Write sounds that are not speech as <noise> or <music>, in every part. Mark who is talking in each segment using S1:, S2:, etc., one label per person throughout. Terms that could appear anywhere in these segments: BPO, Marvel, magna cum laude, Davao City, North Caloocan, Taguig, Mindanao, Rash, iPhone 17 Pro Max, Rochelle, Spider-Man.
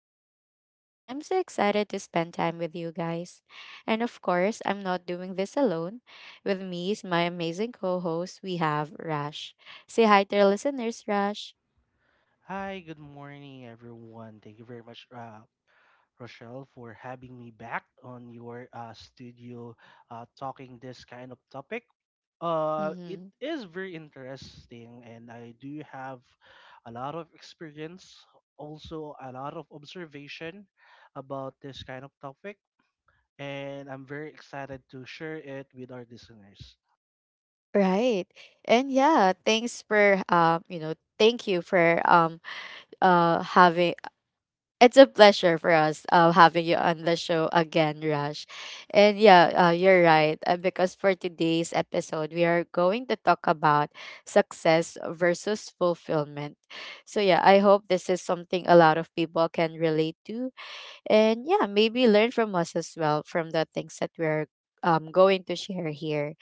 S1: host, Rochelle, and I'm so excited to spend time with you guys. And of course, I'm not doing this alone. With me is my amazing co host, we have Rash. Say hi to our listeners, Rash.
S2: Hi, good morning, everyone. Thank you very much, Rochelle, for having me back on your studio talking this kind of topic. It
S1: hmm
S2: is very interesting, and I do have a lot of experience, also a lot of observation about this kind of topic, and I'm very excited to share it with our listeners.
S1: Right. And yeah, thanks for, thank you for having It's a pleasure for us having you on the show again, Rush. And yeah, you're right. Because for today's episode, we are going to talk about success versus fulfillment. So yeah, I hope this is something a lot of people can relate to. And yeah, maybe learn from us as well from the things that we're going to share here.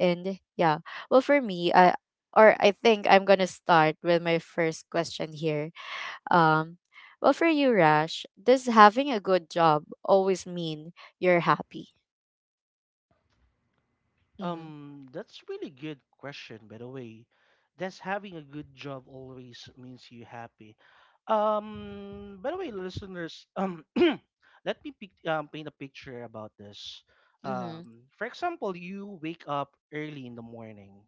S1: And yeah, well, for me, I, or I think I'm going to start with my first question here. Um, well, for you, Rash, does having a good job always mean you're happy? Mm-hmm.
S2: That's really good question, by the way. Does having a good job always means you happy? By the way, listeners, <clears throat> let me paint a picture about this.
S1: Mm-hmm.
S2: For example, you wake up early in the morning,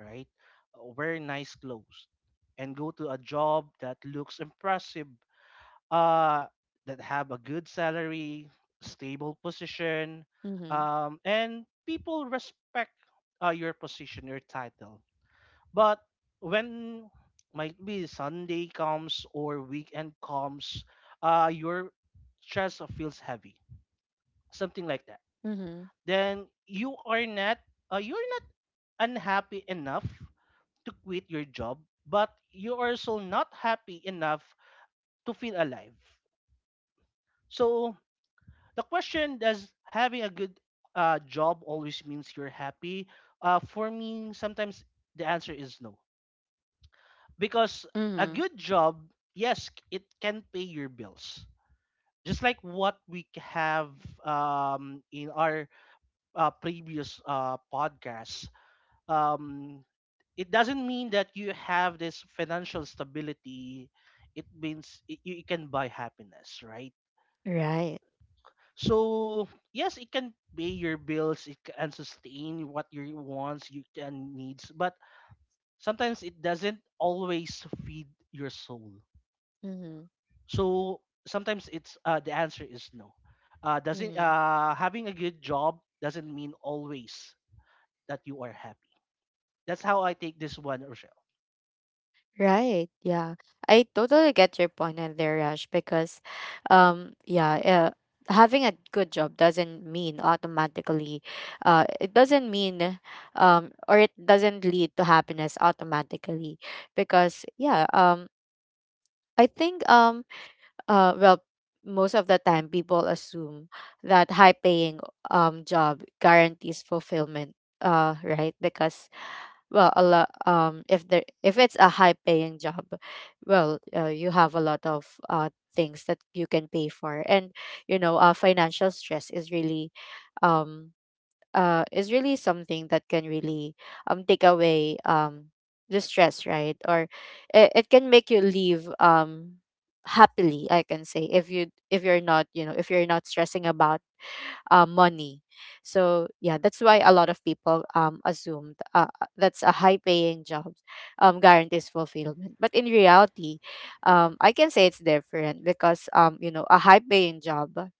S2: right? Wear nice clothes and go to a job that looks impressive, uh, that have a good salary, stable position,
S1: Mm-hmm.
S2: and people respect your position, your title. But when might be Sunday comes or weekend comes, your chest feels heavy, something like that.
S1: Mm-hmm.
S2: Then you're not unhappy enough to quit your job, but you are also not happy enough to feel alive. So the question, does having a good job always means you're happy, for me sometimes the answer is no, because a
S1: Mm-hmm.
S2: good job, yes, it can pay your bills, just like what we have in our previous podcast. Um, it doesn't mean that you have this financial stability. It means you can buy happiness, right?
S1: Right.
S2: So yes, it can pay your bills, it can sustain what your wants, you can needs, but sometimes it doesn't always feed your soul.
S1: Mm-hmm.
S2: So sometimes it's the answer is no. Doesn't
S1: Mm-hmm.
S2: Having a good job doesn't mean always that you are happy. That's how I take this one, Rochelle.
S1: Right. Yeah. I totally get your point on there, Rash, because um yeah, uh, having a good job doesn't mean automatically. uh it doesn't mean it doesn't lead to happiness automatically, because yeah, I think well most of the time people assume that high paying job guarantees fulfillment, right, because, well a lot if there, if it's a high paying job, well, you have a lot of things that you can pay for, and you know, financial stress is really, um is really something that can really take away the stress, right? It can make you leave happily, I can say, if you, if you're not, you know, if you're not stressing about money. So yeah, that's why a lot of people assume that's a high paying job guarantees fulfillment, but in reality, I can say it's different, because, um, you know, a high paying job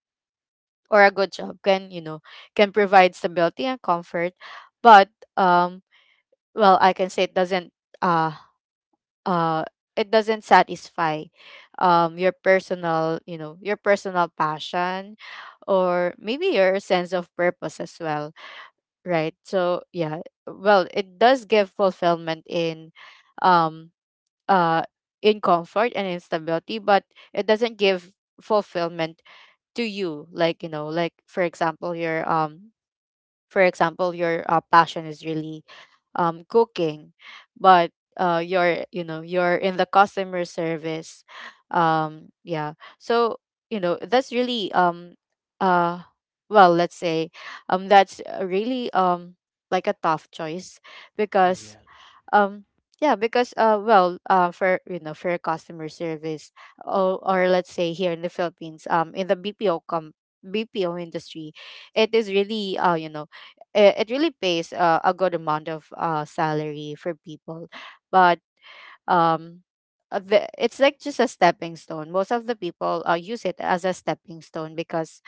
S1: or a good job can, you know, can provide stability and comfort, but, um I can say it doesn't, uh uh it doesn't satisfy your personal, you know, your personal passion, or maybe your sense of purpose as well, right? So yeah, well, it does give fulfillment in, um uh in comfort and instability, but it doesn't give fulfillment to you, like, you know, like for example your, for example your passion is really, cooking, but, you're, you know, you're in the customer service, yeah. So, you know, that's really, uh let's say, that's really, like a tough choice, because,
S2: Yes.
S1: um yeah. because well For, you know, for customer service, or let's say here in the Philippines, in the BPO industry, it is really, you know, it really pays a good amount of salary for people, but, um it's like just a stepping stone. Most of the people use it as a stepping stone, because,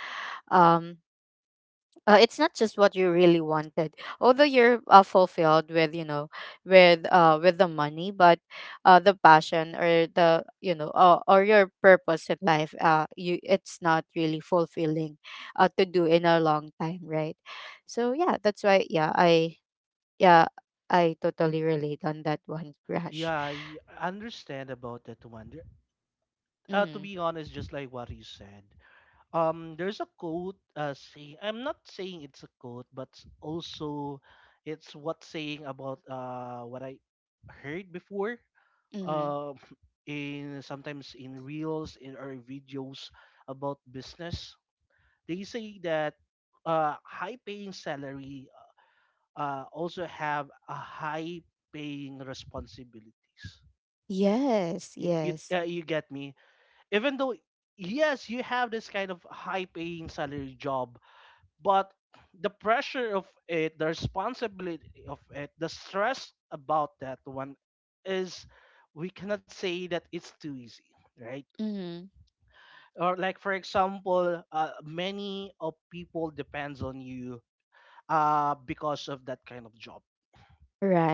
S1: um it's not just what you really wanted. Although you're fulfilled with, you know, with, with the money, but the passion or the, you know, or your purpose in life, you it's not really fulfilling to do in a long time, right? so yeah that's why yeah I yeah I totally relate on that one, Rush.
S2: Yeah, I understand about that one. There- To
S1: mm,
S2: be honest, just like what you said, there's a quote saying, I'm not saying it's a quote, but also it's what saying about what I heard before.
S1: mm-hmm.
S2: Um <laughs> in sometimes in reels in or videos about business. They say that high paying salary also have a high paying responsibilities.
S1: Yes, yes.
S2: You get me? Even though yes, you have this kind of high paying salary job, but the pressure of it, the responsibility of it, the stress about that one is, we cannot say that it's too easy, right?
S1: mm-hmm.
S2: Or like for example, many of people depends on you because of that kind of job.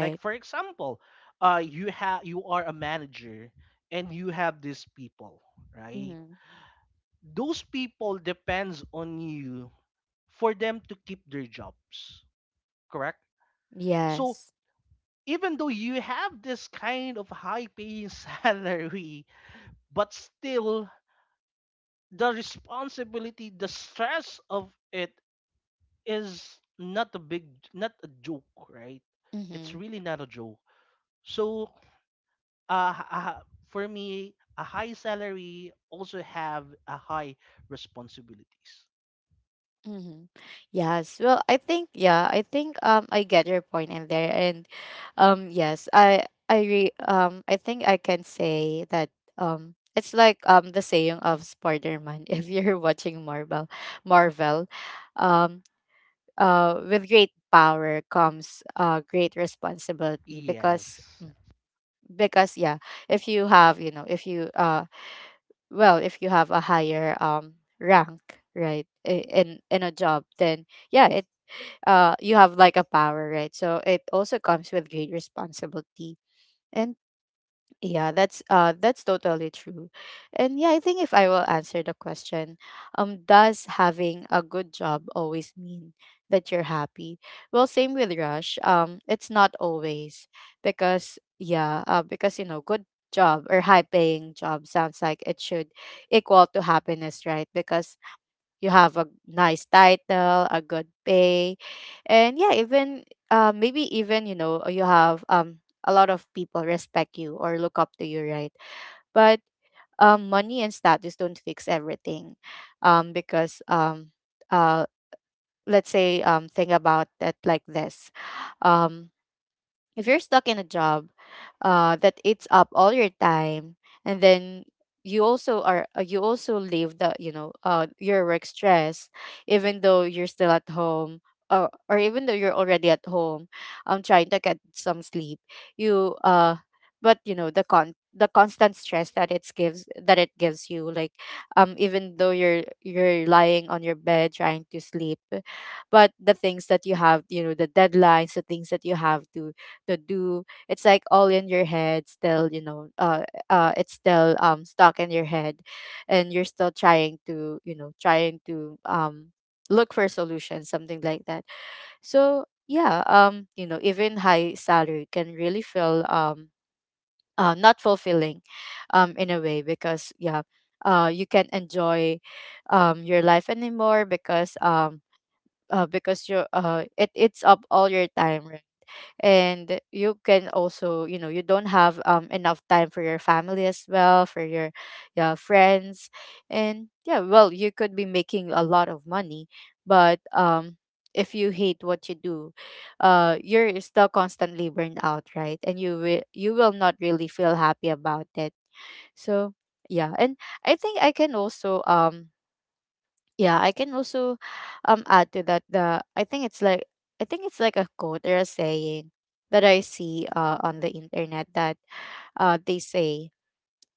S2: Like for example, you have, you are a manager and you have these people, right?
S1: mm-hmm.
S2: Those people depends on you for them to keep their jobs, correct? So
S1: Yes.
S2: even though you have this kind of high paying <laughs> salary, but still the responsibility, the stress of it is not a big, not a joke, right?
S1: mm-hmm.
S2: It's really not a joke. So, uh, h- uh, for me, a high salary also have a high responsibilities.
S1: Mm-hmm. Yes. Well, I think, yeah, I think, I get your point in there, and, yes, I think I can say that, it's like, the saying of Spider-Man <laughs> if you're watching Marvel, um with great power comes great responsibility, because,
S2: Yes,
S1: because yeah, if you have, you know, if you, if you have a higher rank, right, in a job, then, yeah, it, you have like a power, right? So it also comes with great responsibility, and yeah, that's totally true. And yeah, I think if I will answer the question, does having a good job always mean that you're happy, well, same with Rush, it's not always, because yeah, because you know, good job or high paying job sounds like it should equal to happiness, right? Because you have a nice title, a good pay, and yeah, even, maybe even, you know, you have, a lot of people respect you or look up to you, right? But, money and status don't fix everything, because uh, let's say, think about it like this, um if you're stuck in a job, that eats up all your time, and then you also leave the, you know, your work stress, even though you're still at home, or even though you're already at home, trying to get some sleep, you uh you know, the constant stress that it gives, you, like, even though you're lying on your bed trying to sleep, but the things that you have, you know, the deadlines, the things that you have to do, it's like all in your head still, you know, it's still, stuck in your head, and you're still trying to, you know, trying to, look for solutions, something like that. So yeah, you know, even high salary can really feel, not fulfilling, in a way, because yeah, you can't enjoy your life anymore, because, because you it eats up all your time, and you can also, you know, you don't have, enough time for your family as well, for your friends, and yeah, well, you could be making a lot of money, but, if you hate what you do, you're still constantly burned out, right? And you will, you will not really feel happy about it. So yeah, and I think I can also, yeah, I can also add to that. The I think it's like I think it's like a quote or a saying that I see on the internet, that, they say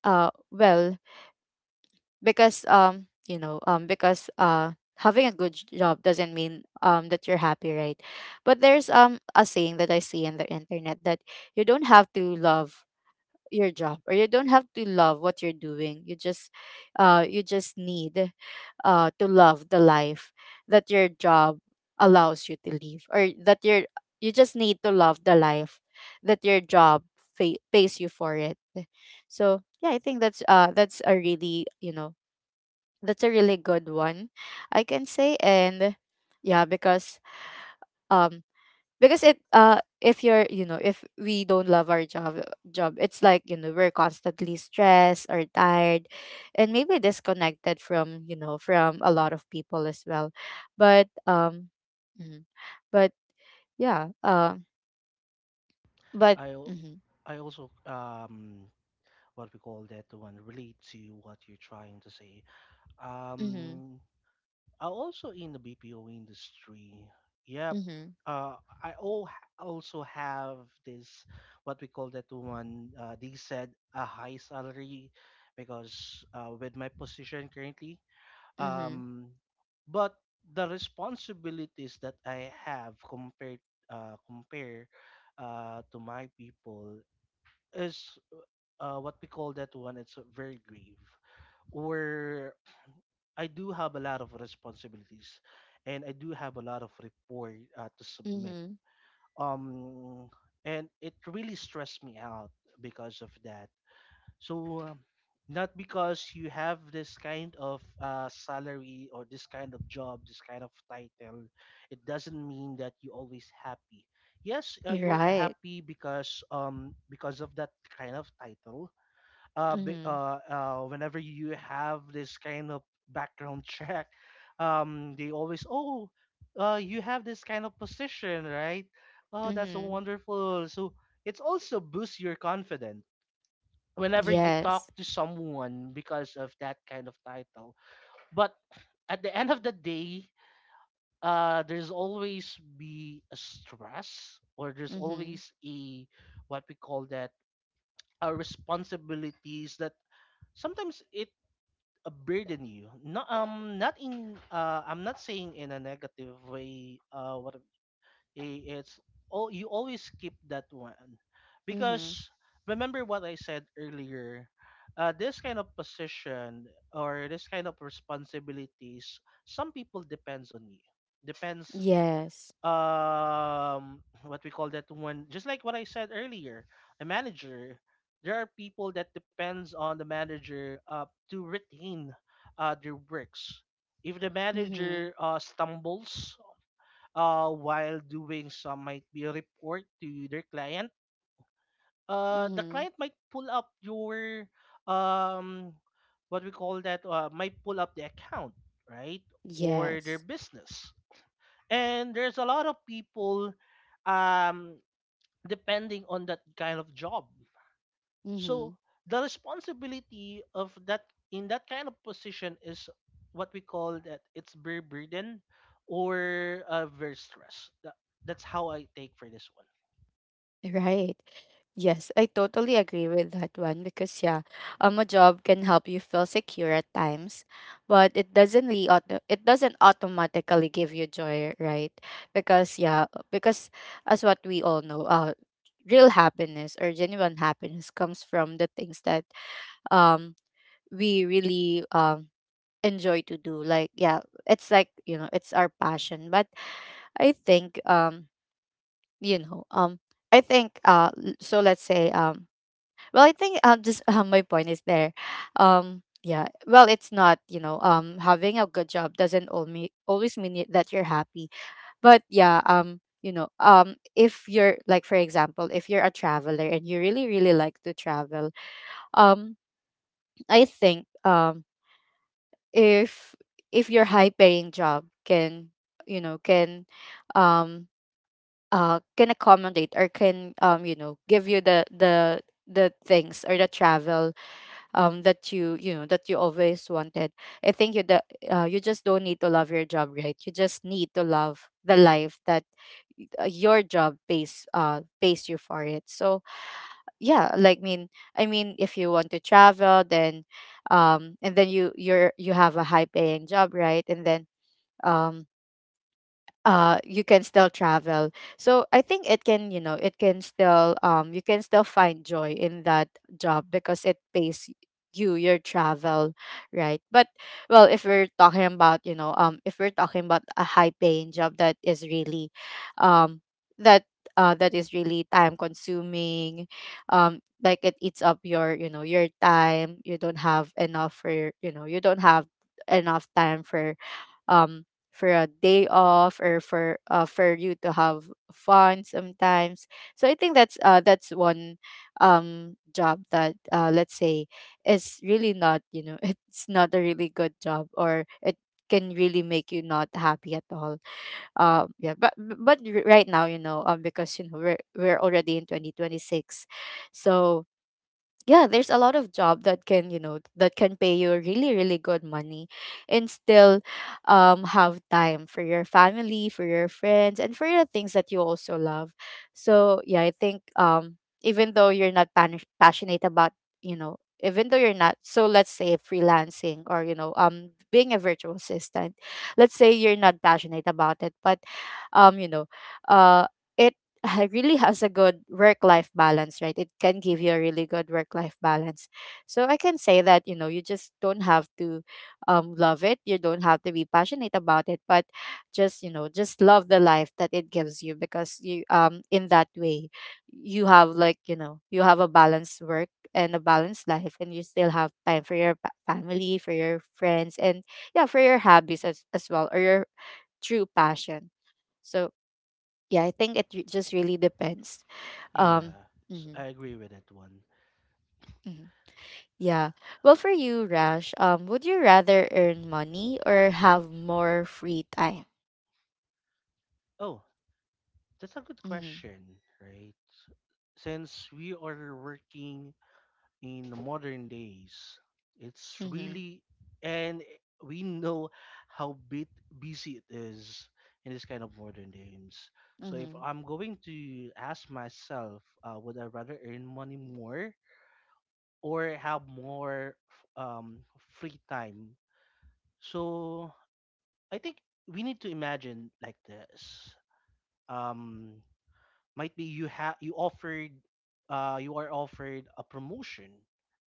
S1: well because you know, because having a job doesn't mean that you're happy, right? But there's a saying that I see in the internet that you don't have to love your job, or you don't have to love what you're doing, you just, you just need, to love the life that your job allows you to live, or that your, you just need to love the life that your job pays you for it. So yeah, I think that's a really, you know, that's a really good one, I can say. And yeah, because, um because it if you're, you know, if we don't love our job, it's like, you know, we're constantly stressed or tired, and maybe disconnected from, you know, from a lot of people as well, but mhm. but yeah but
S2: I, al-
S1: mm-hmm,
S2: I also what we call that one, relate to what you're trying to say.
S1: mm-hmm,
S2: Um, Also in the BPO industry. Yep.
S1: mm-hmm,
S2: Uh, I al- also have this, what we call that one, they said a high salary, because with my position currently,
S1: mm-hmm,
S2: um, but the responsibilities that I have compare to my people is what we call that one, it's very grave. Where I do have a lot of responsibilities and I do have a lot of report to submit.
S1: mm-hmm.
S2: Um, and it really stressed me out because of that. So, not because you have this kind of salary or this kind of job, this kind of title, it doesn't mean that you're always happy. Yes,
S1: You're
S2: you are
S1: right.
S2: happy because of that kind of title,
S1: mm-hmm,
S2: whenever you have this kind of background <laughs> check, they always, oh, you have this kind of position, right? Oh, that's so
S1: mm-hmm.
S2: wonderful. So it's also boosts your confidence whenever you talk
S1: Yes.
S2: to someone because of that kind of title. But at the end of the day, there's always be a stress, or there's
S1: mm-hmm,
S2: always a what we call that, a responsibilities that sometimes it burden you. Not in, I'm not saying in a negative way. What it's all, you always keep that one,
S1: mm-hmm.
S2: because remember what I said earlier. This kind of position or this kind of responsibilities, some people depends on you. Depends,
S1: Yes.
S2: what we call that one, just like what I said earlier, a manager, there are people that depends on the manager to retain their works. If the
S1: mm-hmm,
S2: manager stumbles while doing some might be a report to their client, the
S1: mm-hmm.
S2: client might pull up your um what we call that, might pull up the account, right? Or their
S1: Yes.
S2: business. And there's a lot of people um, depending on that kind of job.
S1: mm-hmm.
S2: So the responsibility of that, in that kind of position, is what we call that, it's very burden or very stress, that, that's how I take for this one.
S1: Right. Yes, I totally agree with that one, because yeah, a job can help you feel secure at times, but it doesn't really it doesn't automatically give you joy, right? Because yeah, because as what we all know, real happiness or genuine happiness comes from the things that um we really enjoy to do. Like yeah, it's like, you know, it's our passion. But I think, you know um I think, Let's say, I think, just my point is there. Yeah, well, it's not, you know, having a good job doesn't only always mean that you're happy. But yeah, if you're like, for example, if you're a traveler and you really really like to travel, um I think if your high paying job can, you know, um can accommodate or can, you know, give you the the things or the travel that you know that you always wanted. I think you that you just don't need to love your job, right? You just need to love the life that, your job pays, pays you for it. So yeah, like mean I mean, if you want to travel, then and then you have a high paying job, right? And then um you can still travel. So I think it can, you know, it can still, you can still find joy in that job, because it pays you your travel, right? But well, if we're talking about, you know, if we're talking about a high paying job that is really um that that is really time consuming, like it eats up your, you know, your time. You don't have enough for you don't have enough time um for a day off or for you to have fun sometimes. So I think that's one job that, let's say, is really not, you know, <laughs> it's not a really good job, or it can really make you not happy at all. Yeah, but right now, you know, because you know we're already in 2026. So yeah, there's a lot of job that can, you know, that can pay you really really good money, and still have time for your family, for your friends, and for the things that you also love. So yeah, I think even though you're not passionate about, you know, even though you're not, so let's say, freelancing or, you know, being a virtual assistant, let's say you're not passionate about it, but um you know uh it really has a good work life balance, right? It can give you a really good work life balance. So I can say that, you know, you just don't have to love it, you don't have to be passionate about it, but just, you know, just love the life that it gives you, because you, in that way, you have, like, you know, you have a balanced work and a balanced life, and you still have time for your family, for your friends, and yeah, for your hobbies as well, or your true passion. So yeah, I think just really depends. Um,
S2: Yeah.
S1: mhm,
S2: I agree with that one.
S1: mhm. Yeah. Well, for you, Rash, would you rather earn money or have more free time?
S2: Oh, that's a good
S1: Mm-hmm.
S2: question, right? Since we are working in the modern days. It's
S1: Mm-hmm.
S2: really, and we know how bit busy it is in this kind of modern games. So if
S1: Mm-hmm.
S2: I'm going to ask myself, would I rather earn money more or have free time? So I think we need to imagine like this. Um, might be you have, you offered, you are offered a promotion,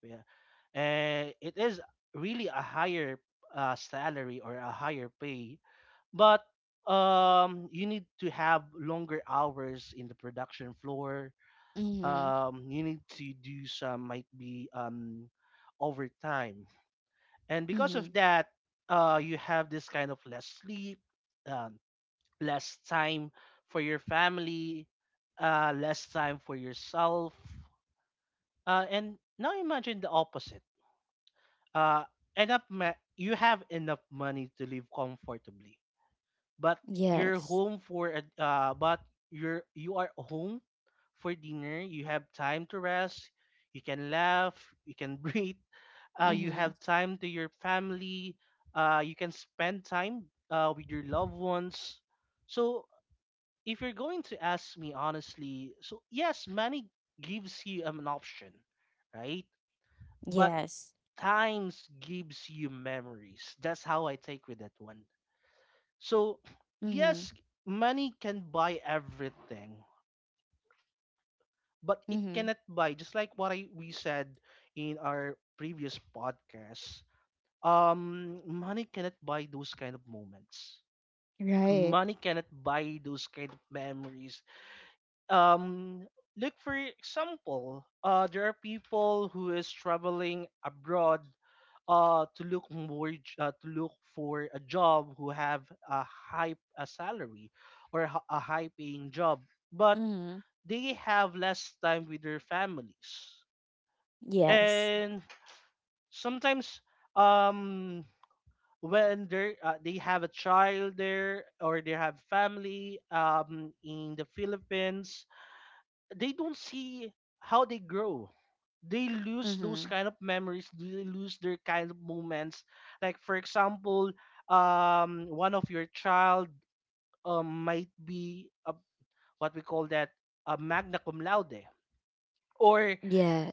S2: yeah, and it is really a higher salary or a higher pay, but you need to have longer hours in the production floor,
S1: Mm-hmm.
S2: you need to do some might be overtime, and because of
S1: Mm-hmm.
S2: that you have this kind of less sleep, um, less time for your family, less time for yourself. And now imagine the opposite. uh you have enough money to live comfortably, but you're
S1: Yes.
S2: home for a- but you are home for dinner, you have time to rest, you can laugh, you can <laughs> breathe, you
S1: Mm-hmm.
S2: have time to your family, you can spend time with your loved ones. So if you're going to ask me honestly, so yes, money gives you an option, right? But
S1: Yes.
S2: times gives you memories. That's how I take with that one. So,
S1: Mm-hmm.
S2: yes, money can buy everything, but it
S1: Mm-hmm.
S2: cannot buy, just like what we said in our previous podcast. Money cannot buy those kind of moments.
S1: Right.
S2: Money cannot buy those kind of memories. Um, Look, for example, there are people who is traveling abroad to to look for a job who have a high a salary or a high paying job, but
S1: Mm-hmm.
S2: they have less time with their families.
S1: Yes.
S2: And sometimes um when they have a child there, or they have family in the Philippines, they don't see how they grow. They lose those
S1: Mm-hmm.
S2: kind of memories. They lose their kind of moments. Like for example, one of your child, might be what we call that, a magna cum laude, or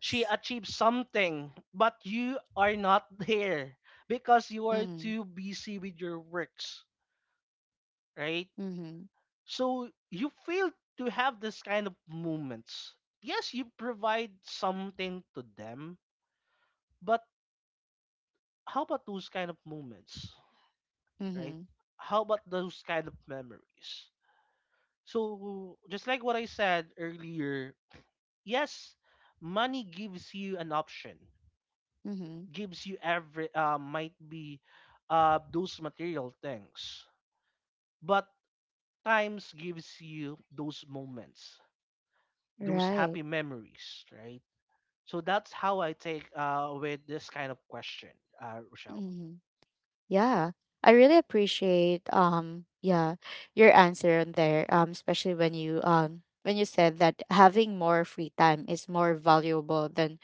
S2: she achieved something, but you are not <laughs> there because you are
S1: Mm-hmm.
S2: too busy with your works, right?
S1: Mm-hmm.
S2: So you fail to have this kind of moments. Yes, you provide something to them, but how about those kind of moments, right?
S1: Mm-hmm.
S2: How about those kind of memories? So just like what I said earlier, yes, money gives you an option,
S1: Mm-hmm.
S2: gives you every might be those material things, but times gives you those moments, those
S1: Right.
S2: happy memories, right? So that's how I take, with this kind of question, Rochelle.
S1: Mm-hmm. Yeah, I really appreciate, yeah, your answer on there, especially when you, when you said that having more free time is more valuable than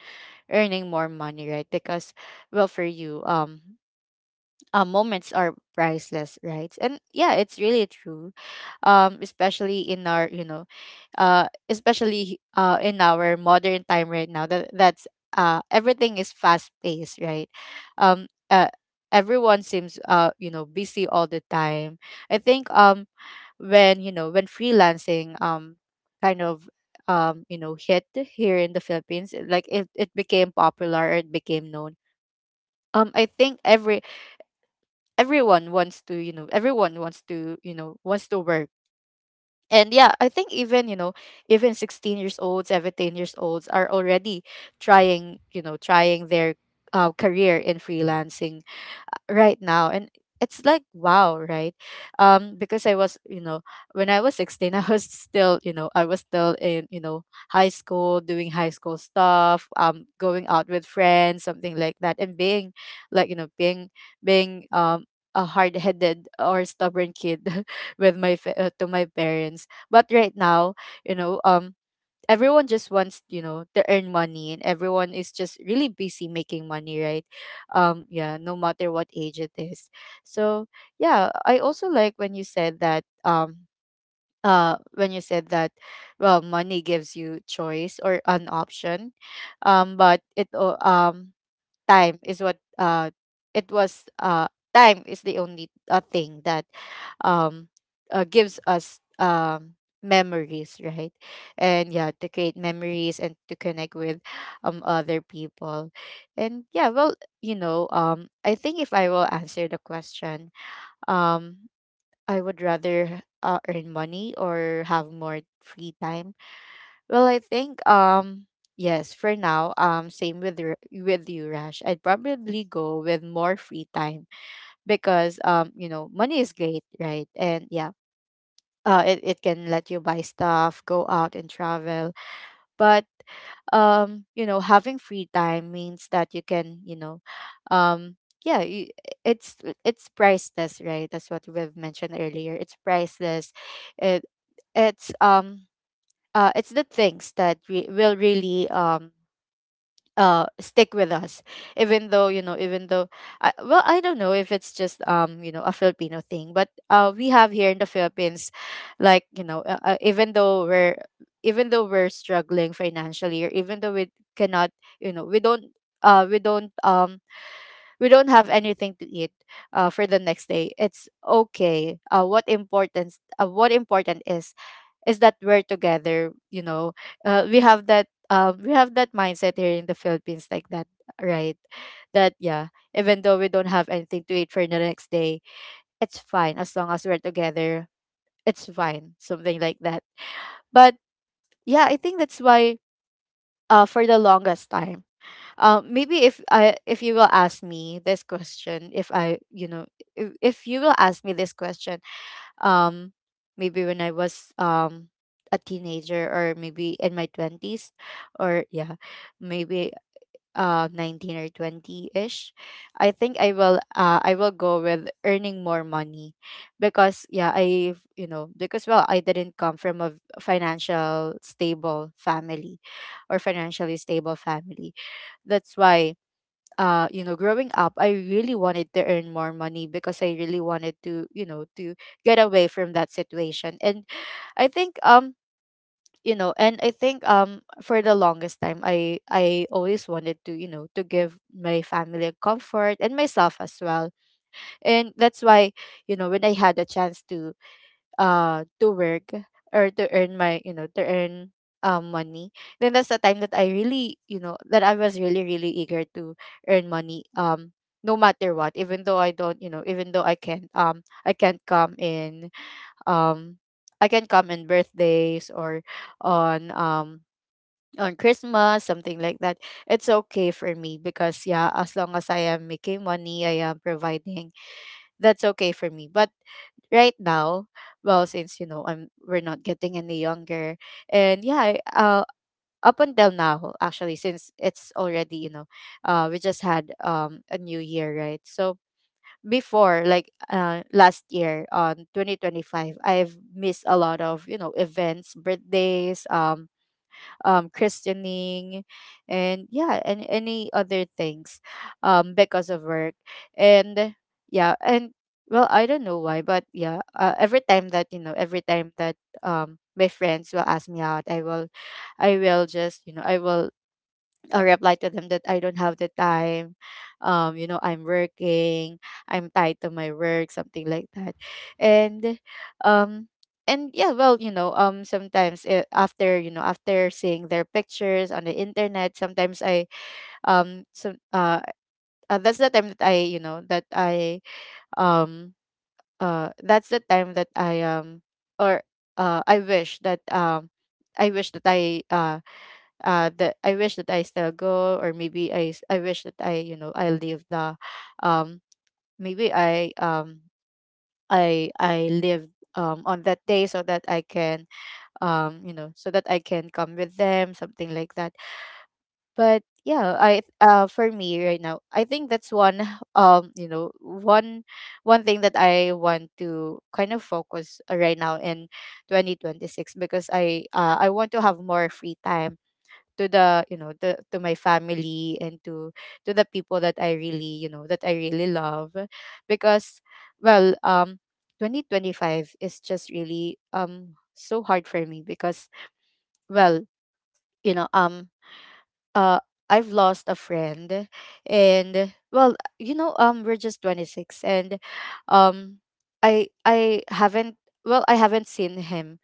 S1: earning more money, right? Because well, for you, moments are priceless, right? And yeah, it's really true, especially in our, you know, especially in our modern time right now, that that's, everything is fast paced, right? um uh, everyone seems, you know, busy all the time. I think when, you know, when freelancing kind of, you know, hit here in the Philippines, like it became popular, it became known, I think everyone wants to, you know, everyone wants to, you know, wants to work. And yeah, I think even, you know, even 16 years old, 17 years olds are already trying, you know, trying their, career in
S2: Yes,
S1: freelancing right now. And it's like wow, right? Because I was, you know, when I was 16, <laughs> I was still, you know, I was still in, you know, high school, doing high school stuff, going out with friends, something like that, and being, like, you know, being, being a hard-headed or stubborn kid <laughs> with my to my parents. But right now, you know, everyone just wants, you know, to earn money, and everyone is just really busy making money, right? Yeah, no matter what age it is. So yeah, I also like when you said that, when you said that, well, money gives you choice or an option, but time is what, it was time is the only, thing that um gives us, memories, right? And yeah, to create memories and to connect with other people. And yeah, well, you know, I think if I will answer the question, um I would rather, earn money or have more free time? Well, I think, yes, for now, same with with you, Rash, I'd probably go with more free time. Because you know, money is great, right? And yeah, it can let you buy stuff, go out and travel, but you know, having free time means that you can, you know, um yeah, you, it's it's priceless, right? That's what we've mentioned earlier. It's priceless. It it's it's the things that will really stick with us. Even though, you know, even though I, well, I don't know if it's just, you know, a Filipino thing, but we have here in the Philippines, like, you know, even though we're, even though we're struggling financially, or even though we cannot, you know, we don't, we don't, we don't have anything to eat for the next day, it's okay. What important is that we're together, you know. We have that, we have that mindset here in the Philippines like that, right? That yeah, even though we don't have anything to eat for the next day, it's fine as long as we're together, it's fine, something like that. But yeah, I think that's why, for the longest time, maybe if you will ask me this question, if you will ask me this question, um maybe when I was a teenager, or maybe in my 20s, or yeah, maybe, 19 or 20ish, I think I will, I will go with earning more money. Because yeah, I you know because well, I didn't come from a financial stable family, or financially stable family. That's why, you know, growing up, I really wanted to earn more money, because I really wanted to, you know, to get away from that situation. And I think you know, and I think for the longest time, I always wanted to, you know, to give my family comfort, and myself as well. And that's why, you know, when I had a chance to, to work, or to earn my, to earn money, then that's the time that I really, you know, that I was really really eager to earn money, no matter what. Even though I don't you know even though I can't, I can't come in um I can come in birthdays or on, on Christmas, something like that, it's okay for me. Because yeah, as long as I am making money, I am providing, that's okay for me. But right now, well, since, you know, I'm we're not getting any younger, and yeah, I, up until now actually, since it's already, you know, we just had, a new year, right? So before, like, last year on 2025, I've missed a lot of, you know, events, birthdays, christening, and yeah, and any other things, because of work. And yeah, and well, I don't know why, but yeah, every time that, you know, every time that, my friends will ask me out, I will just, you know, I'll reply to them that I don't have the time. You know, I'm working, I'm tied to my work, something like that. And um and yeah, well, you know, sometimes eh, after, you know, after seeing their pictures on the internet, sometimes I so that's the time that I, you know, um that's the time that I, or I wish that, I wish that I wish that I still go, or maybe I wish that i, you know, I live the, um maybe I live on that day, so that I can, you know, so that I can come with them, something like that. But yeah, I for me right now, I think that's one <laughs> you know, one thing that I want to kind of focus, right now in 2026, because I want to have more free time to the you know the to my family, and to the people that I really, you know, that I really love. Because well, 2025 is just really, so hard for me. Because well, you know, uh I've lost a friend. And well, you know, we're just 26, and um I haven't, well I haven't seen him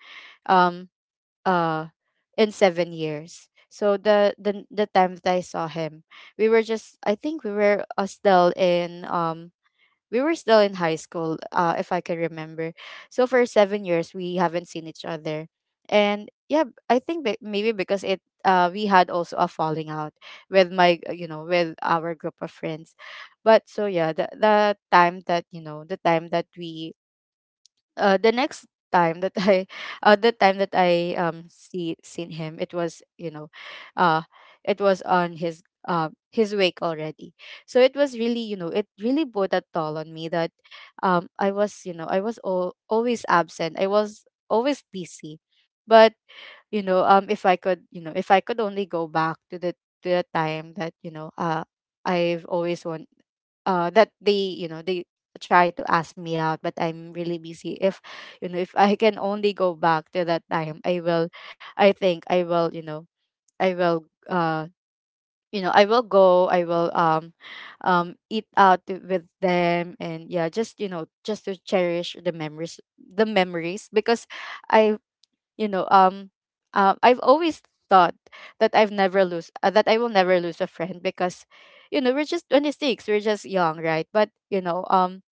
S1: um uh in 7 years. So the time that I saw him, we were just, I think we were, still in, we were still in high school, if I can remember. So for 7 years we haven't seen each other, and I think maybe because it we had also a falling out with my with our group of friends, but so yeah, the time that we the next time that I, <laughs> the time that I seen him, it was uh, it was on his wake already. So it was really, it really bore that toll on me that, I was, I was always absent. I was always busy, but, if I could, if I could only go back to the time that I've always want that they you know they try to ask me out but I'm really busy. If, if I can only go back to that time, I will, I think I will, i will uh I will go. I will eat out with them, and yeah, just, just to cherish the memories, the memories. Because I you know I've always thought that I've never lose that I will never lose a friend, because you know we're just 26, we're just young, right? But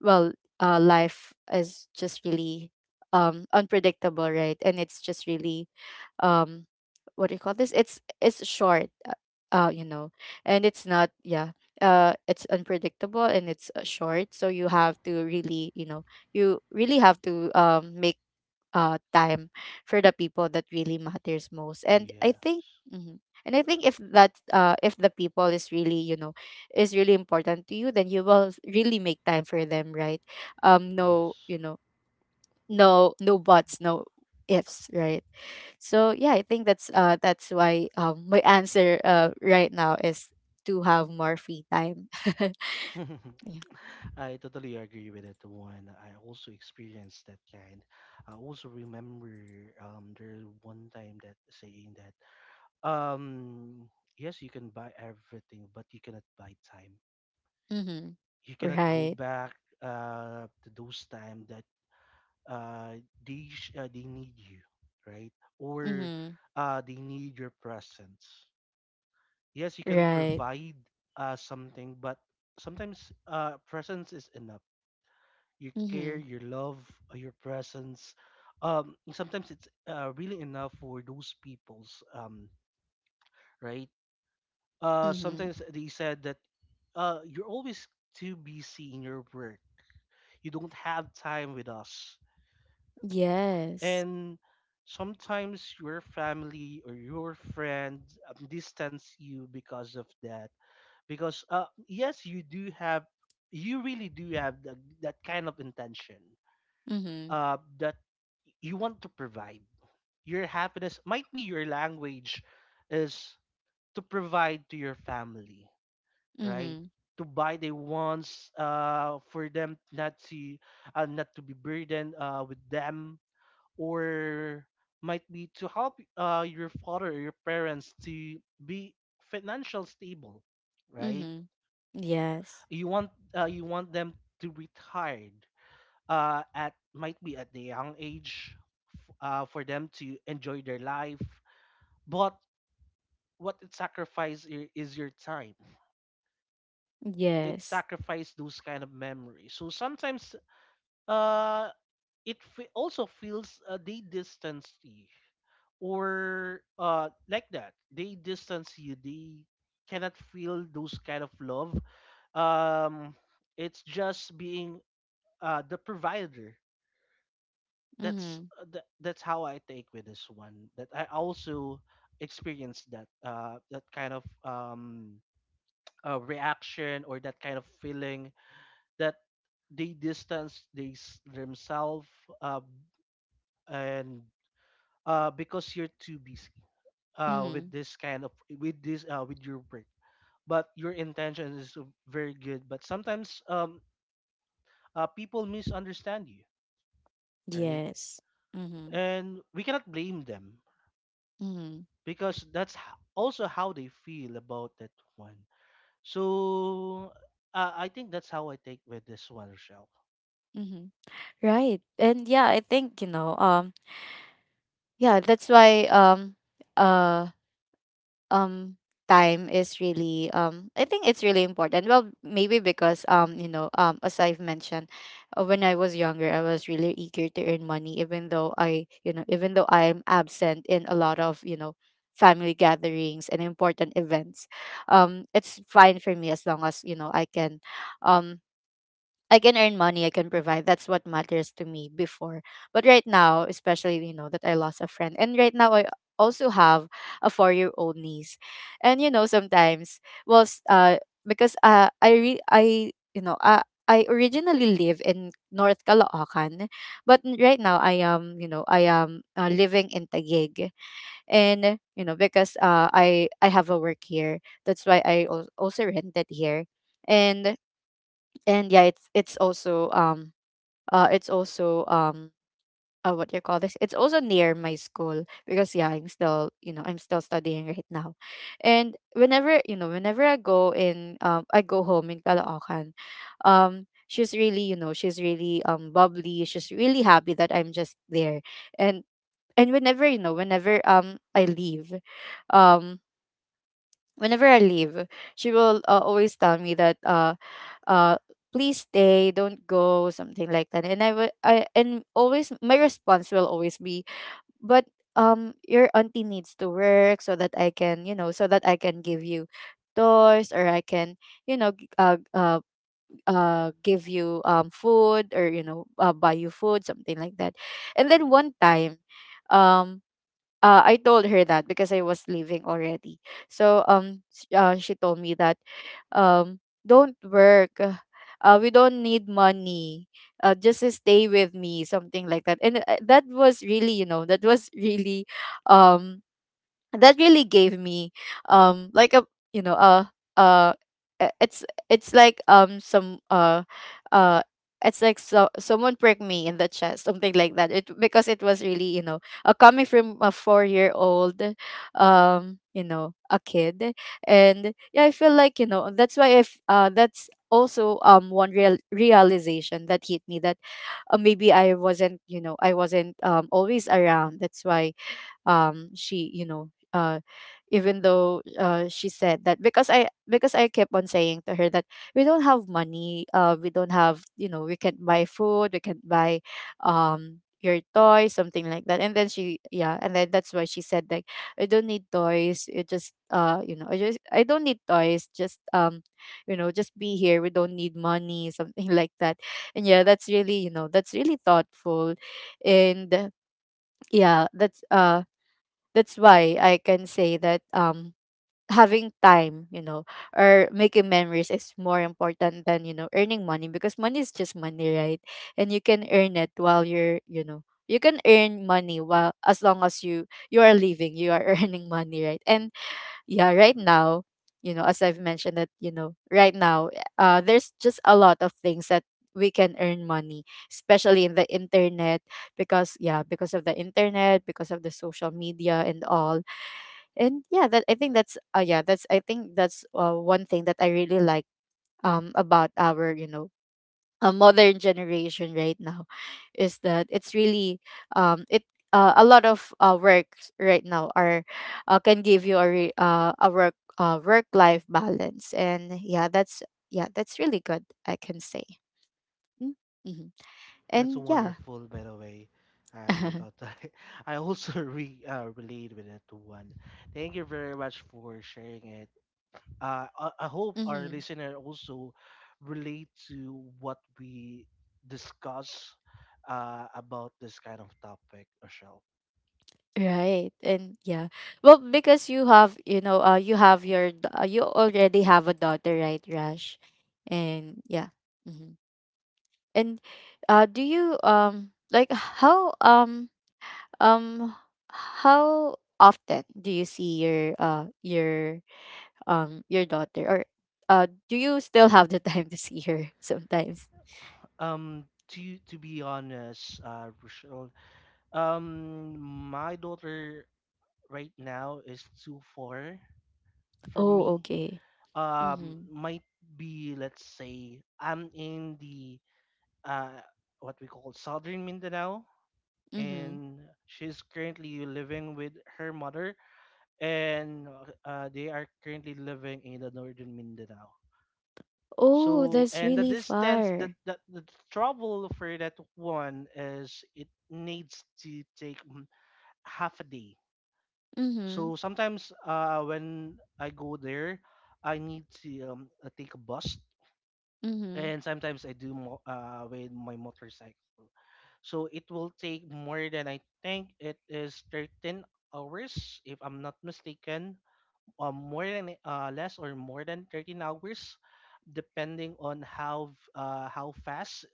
S1: well life is just really unpredictable, right? And it's just really um what do you call this, it's short, uh, you know and it's not, yeah, it's unpredictable and it's short, so you have to really, you know, you really have to make time for the people that really matters most. And I think
S2: yes,
S1: mhm, and I think if that if the people is really, you know, is really important to you, then you will really make time for them, right? um no
S2: yes.
S1: you know no, no buts, no ifs, right? So yeah, I think that's why my answer right now is to have more free time. <laughs>
S2: <laughs>
S1: Yeah.
S2: I totally agree with that one. I also experienced that kind. I also remember, there's one time that saying that, um, yes, you can buy everything, but you cannot buy time.
S1: Mm-hmm.
S2: You cannot go
S1: Right.
S2: back to those time that uh, they need you, right? Or
S1: Mm-hmm.
S2: they need your presence. Yes, you can
S1: Right.
S2: provide something, but sometimes presence is enough. Your
S1: Mm-hmm.
S2: care, your love, your presence. Sometimes it's really enough for those people's right. Uh,
S1: Mm-hmm.
S2: sometimes they said that you're always too busy in your work. You don't have time with us
S1: Yes.
S2: and sometimes your family or your friend distance you because of that because yes you do have you really do have that kind of intention
S1: Mhm.
S2: that you want to provide your happiness might be your language is to provide to your family, right,
S1: Mhm.
S2: to buy the wants for them not to not to be burdened with them, or might be to help your father or your parents to be financial stable, right?
S1: Mhm. Yes.
S2: You want you want them to retired at might be at the young age for them to enjoy their life. But what it sacrifices is your time. It
S1: Yes.
S2: sacrifices those kind of memories. So sometimes uh it also feels they distance you, or like that they distance you, they cannot feel those kind of love. um it's just being the provider. that's
S1: Mhm.
S2: uh, tha- that's how I take with this one, that I also experienced that that kind of reaction or that kind of feeling that they distance they themselves, uh, and because you're too busy with
S1: Mhm.
S2: this kind of with this with your work. But your intention is very good. But sometimes people misunderstand you, right?
S1: Yes. Mhm.
S2: And we cannot blame them
S1: Mhm.
S2: because also how they feel about that one. So I think that's how I take with this one, Rochelle.
S1: Mhm. Right. And yeah, I think, you know, yeah, that's why uh um time is really I think it's really important. Well, maybe because as I've mentioned, when I was younger, I was really eager to earn money, even though I you know even though I'm absent in a lot of family gatherings and important events. It's fine for me as long as you know um I can earn money, I can provide. That's what matters to me before. But right now, especially, you know, that I lost a friend. And right now, I also have a 4 year old niece. And, you know, sometimes, well, s- uh, because I, you know, I originally live in North Caloocan, but right now I am, you know, I am living in Taguig, and you know because I have a work here, that's why I also rented here, and and yeah, it's also it's also what do you call this, it's also near my school because yeah, I'm still, you know, I'm still studying right now. And whenever, you know, whenever I go home in Caloocan, she's really, you know, she's really bubbly, she's really happy that I'm just there. and and whenever you know whenever I leave, um whenever I leave, she will always tell me that uh please stay, don't go, something like that. And I would I and always my response will always be, but your auntie needs to work so that I can, you know, so that I can give you toys, or I can, you know, give you food, or you know, buy you food, something like that. And then one time, um I told her that because I was leaving already. So she told me that, um don't work, we don't need money, just stay with me, something like that. And that was really, you know, that was really um that really gave me like a, you know uh uh e- it's it's like some uh it's like, so someone pricked me in the chest, something like that. It, because it was really, you know, coming from a 4 year old a kid. And yeah, I feel like, you know, that's why if that's also one realization that hit me that maybe I wasn't, you know, I wasn't always around. That's why she you know even though she said that, because I kept on saying to her that we don't have money, we don't have, you know, we can't buy food, we can't buy your toys, something like that. And then that's why she said like, I don't need toys, it just, I don't need toys, just you know, just be here, we don't need money. <laughs> Something like that. And yeah, that's really, you know, that's really thoughtful. And yeah, that's why I can say that having time, you know, or making memories is more important than, you know, earning money, because money is just money, right? And you can earn it while you're, you know, you can earn money while, as long as you are living, you are <laughs> earning money, right? And yeah, right now, you know, as I've mentioned that, you know, right now, there's just a lot of things that we can earn money, especially in the internet, because yeah, because of the internet, because of the social media and all. And yeah, that's I think that's one thing that I really like about our, you know, a modern generation right now, is that it's really it a lot of works right now are can give you a work life balance. And yeah, that's yeah, that's really good, I can say. Mm-hmm.
S2: That's
S1: And yeah.
S2: wonderful, by the way. I
S1: <laughs>
S2: thought <laughs> I also relate with that one. Thank you very much for sharing it. I hope our
S1: Mm-hmm.
S2: listener also relate to what we discuss about this kind of topic, Rochelle.
S1: Right. And yeah. Well, because you have, you know, you have your you already have a daughter, right, Rash? And yeah. Hmm. And do you um how often do you see your daughter, or do you still have the <laughs> time to see her <laughs> sometimes?
S2: To be honest, Rochelle, my daughter right now is too far from
S1: Oh,
S2: me.
S1: okay. Mhm.
S2: Might be let's say I'm in the uh what we call Southern Mindanao,
S1: Mhm.
S2: and she's currently living with her mother, and they are currently living in the northern Mindanao.
S1: Oh,
S2: So,
S1: that's
S2: and the
S1: really
S2: distance that
S1: far.
S2: the trouble for that one is it needs to take half a day. So
S1: Mhm.
S2: sometimes when I go there, I need to take a bus,
S1: Mhm.
S2: and sometimes I do with my motorcycle. So it will take more than I think it is 13 hours if I'm not mistaken, more than less or more than 13 hours, depending on how fast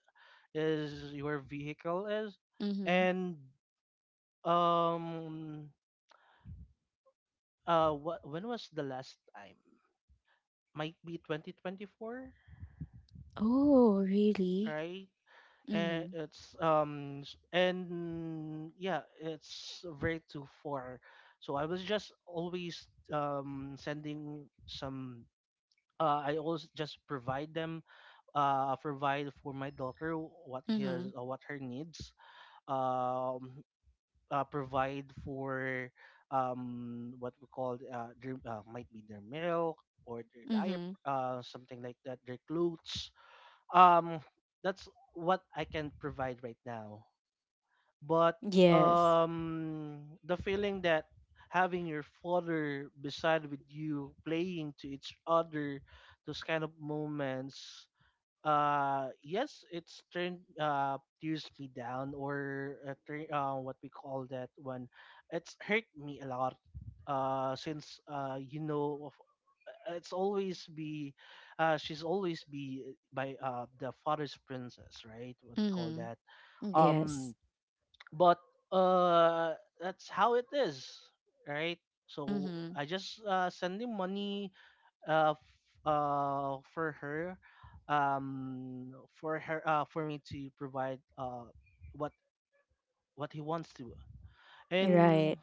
S2: is your vehicle is.
S1: Mhm.
S2: And um what when was the last time, might be 2024,
S1: Oh, really?
S2: right? And
S1: Mhm.
S2: it's and yeah it's very to four. So I was just always sending some, I always just provide them, provide for my daughter
S1: Mhm.
S2: what her needs. Um, Provide for what we call their, might be their milk or their
S1: Mhm.
S2: diaper, something like that, their clothes. Um, that's what I can provide right now, but
S1: Yes.
S2: um the feeling that having your father beside with you playing to each other, those kind of moments, yes it's turned tears me down, or what we call that one, it's hurt me a lot, since you know it's always be she's always be by the father's princess, right, what we call
S1: Mhm.
S2: that. um
S1: Yes.
S2: but uh that's how it is, right? So
S1: Mhm.
S2: I just send him money for her, for her for me to provide what what he wants to. And
S1: Right.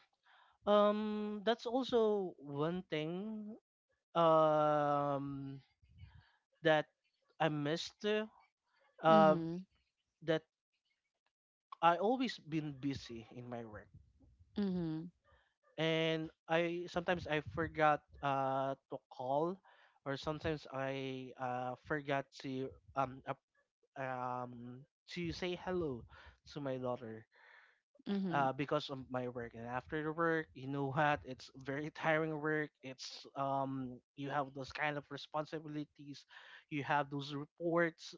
S2: that's also one thing um that I missed, uh
S1: Mhm.
S2: that I always been busy in my work.
S1: Mhm.
S2: And I sometimes I forgot to call, or sometimes I forgot to up um to say hello to my daughter,
S1: Mhm.
S2: because of my work. And after the work, you know what, it's very <laughs> tiring work. It's you have those kind of responsibilities, you have those reports.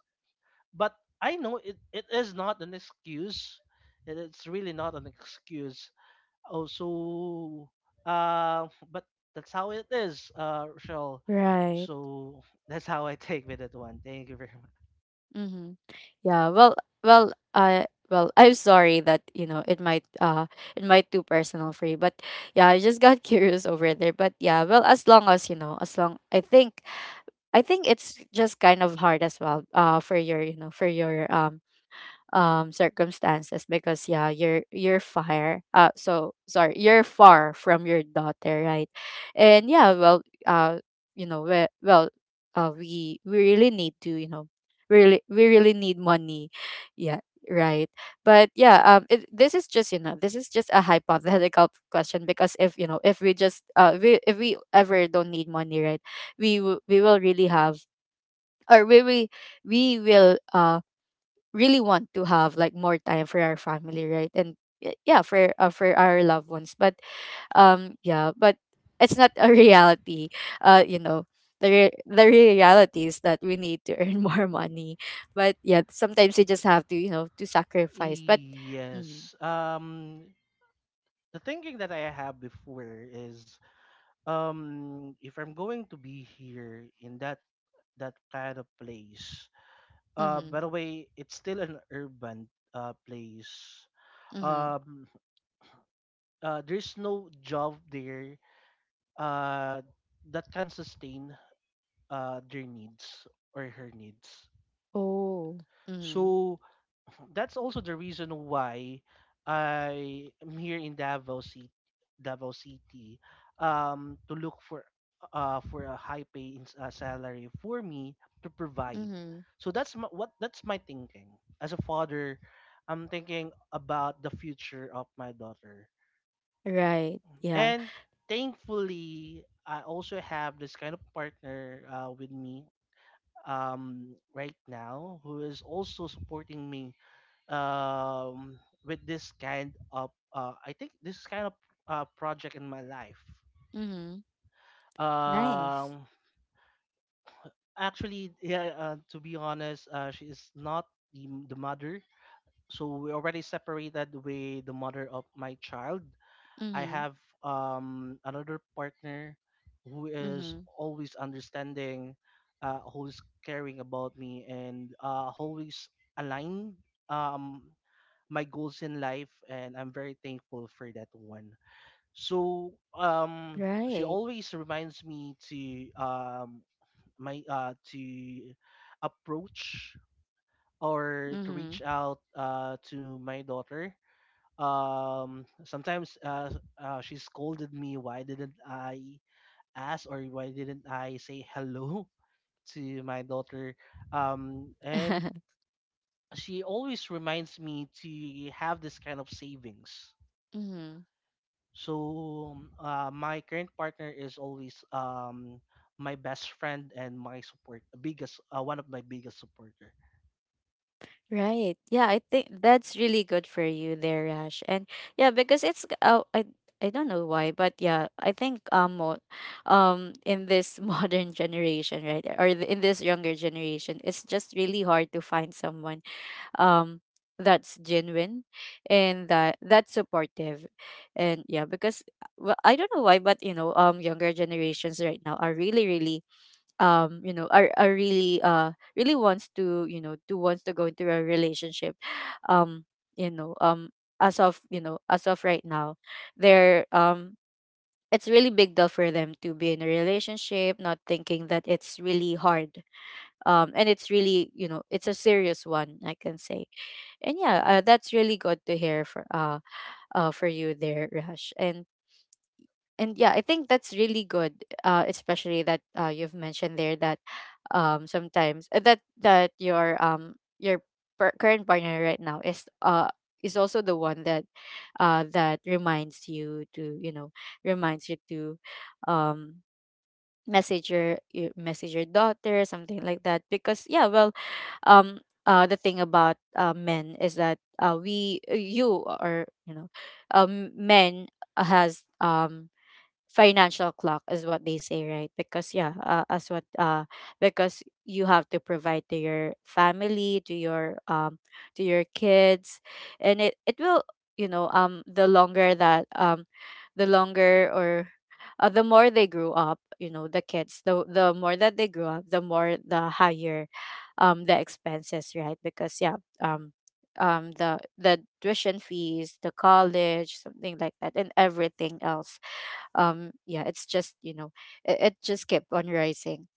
S2: But I know it is not an excuse, it's really not an excuse. Oh, so <laughs> but that's how it is, Rochelle.
S1: Right.
S2: So <laughs> that's how I take with that one. Thank you very much.
S1: Mhm. Yeah, well, well, I well, I'm sorry that you know it might too personal for you, but yeah, I just got <laughs> curious over there. But yeah, well, as long as you know, as long I think, I think it's just kind of hard as well. For your, you know, for your circumstances, because yeah, you're fire so sorry, you're far from your daughter, right? And yeah, you know well we really need to, you know, really, we really need money, yeah, right? But yeah, this is just, you know, this is just a hypothetical <laughs> question, because if, you know, if we just we if we ever don't need money, right, we will really have, or we will really want to have like more time for our family, right? And yeah, for our loved ones. But yeah, but it's not a <laughs> reality, you know, the reality is that we need to earn <laughs> more money. But yeah, sometimes you just have to, you know, to sacrifice. But mm,
S2: Yes. The thinking that I have before is, if I'm going to be here in that kind of place,
S1: mm-hmm,
S2: by the way, it's still an urban place.
S1: mm-hmm.
S2: Um, there's no job there, uh, that can sustain their needs or her needs.
S1: Oh, mm-hmm,
S2: So that's also the reason why I am here in Davao City, Davao City, to look for a high pay in, salary for me to provide.
S1: mm-hmm.
S2: So that's my, what that's my thinking as a father. I'm thinking about the future of my daughter,
S1: Right. Yeah,
S2: and thankfully, I also have this kind of partner with me right now, who is also supporting me um, with this kind of I think this kind of project in my life.
S1: mm-hmm. Nice.
S2: Um, actually, yeah, to be honest, she is not the mother. So we already separated with the mother of my child. I
S1: Mm-hmm,
S2: have another partner who is
S1: mm-hmm.
S2: always understanding, always caring about me, and always align um, my goals in life. And I'm very thankful for that one. So she
S1: Right.
S2: always reminds me to my to approach or to
S1: Mm-hmm.
S2: reach out to my daughter. Sometimes she scolded me why didn't I ask, or why didn't I say hello <laughs> to my daughter. And
S1: <laughs>
S2: she always reminds me to have this kind of savings.
S1: Mm-hmm.
S2: So my current partner is always my best friend and my support biggest, one of my biggest supporter.
S1: Right. Yeah, I think that's really good for you there, Rash. And yeah, because oh, I don't know why, but yeah, I think in this <laughs> modern generation, right, or in this younger generation, it's just really hard to find someone um that's genuine and that's supportive. And yeah, because well, I don't know why, but younger generations right now are really really are really really wants to you know do wants to go into a relationship. um you know um as of as of right now, they're it's really big deal for them to be in a relationship, not thinking that it's really hard. And it's really, it's a serious one, I can say. And yeah, that's really good to hear for you there, Rash. And and yeah, I think that's really good, especially that you've mentioned there that sometimes, that your current partner right now is also the one that reminds you to reminds you to um message message your daughter, something like that. Because yeah, um the thing about men is that we, you know, men has financial clock is what they say, right? Because yeah, as what because you have to provide to your family, to your kids. And it will, you know the longer that the longer or the more they grew up, the kids, the more that they grew up the more, the higher the expenses, right? Because yeah, um the tuition fees, the college, something like that, and everything else. Yeah, it's just, it just kept on rising.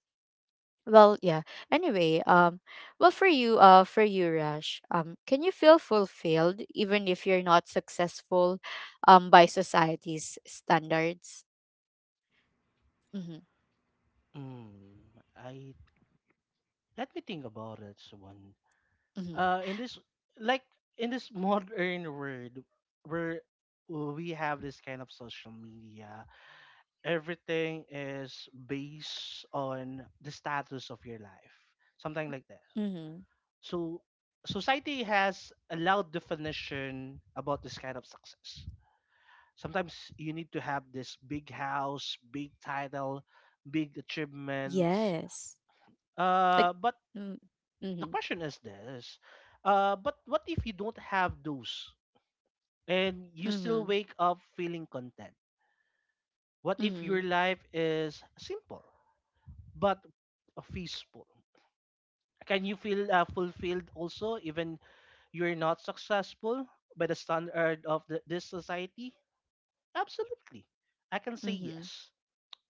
S1: Well, yeah, anyway, well, for you, Rash, can you feel fulfilled even if you're not successful, by society's standards? Mm-hmm.
S2: mm, I, let me think about it. So
S1: Mm-hmm.
S2: in this like in this <laughs> modern world where we have this kind of social media, everything is based on the status of your life, something like that.
S1: Mm-hmm.
S2: So society has a loud definition about this kind of success. Sometimes you need to have this big house, big title, big achievements,
S1: Yes. Like.
S2: but
S1: Mm.
S2: the
S1: Mm-hmm.
S2: question is this, but what if you don't have those and you still
S1: Mm-hmm.
S2: wake up feeling content? What if
S1: Mm-hmm.
S2: your life is simple but peaceful? Can you feel fulfilled also even you're not successful by the standard of this society? Absolutely. I can say
S1: Mm-hmm.
S2: yes.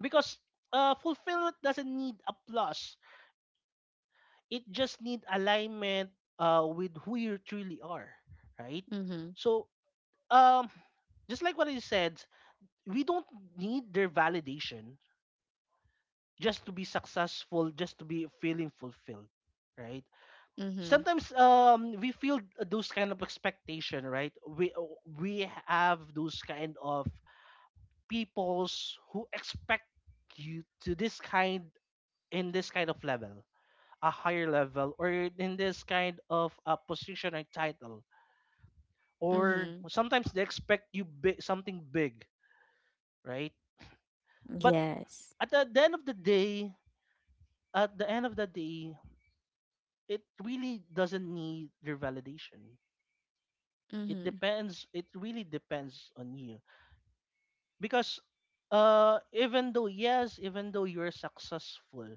S2: Because fulfillment doesn't need applause. It just need alignment with who you truly are, right?
S1: Mm-hmm.
S2: So, um, just like what you said, we don't need their validation just to be successful, just to be feeling fulfilled, right?
S1: Mm-hmm.
S2: Sometimes we feel those kind of expectation, right? We have those kind of peoples who expect you to this kind in this kind of level, a higher level, or in this kind of a position or title, or
S1: Mm-hmm.
S2: sometimes they expect you big, something big, right? But
S1: Yes.
S2: at the end of the day, at the end of the day, it really doesn't need your validation. It
S1: Mm-hmm.
S2: depends. It really depends on you because even though yes, even though you're successful,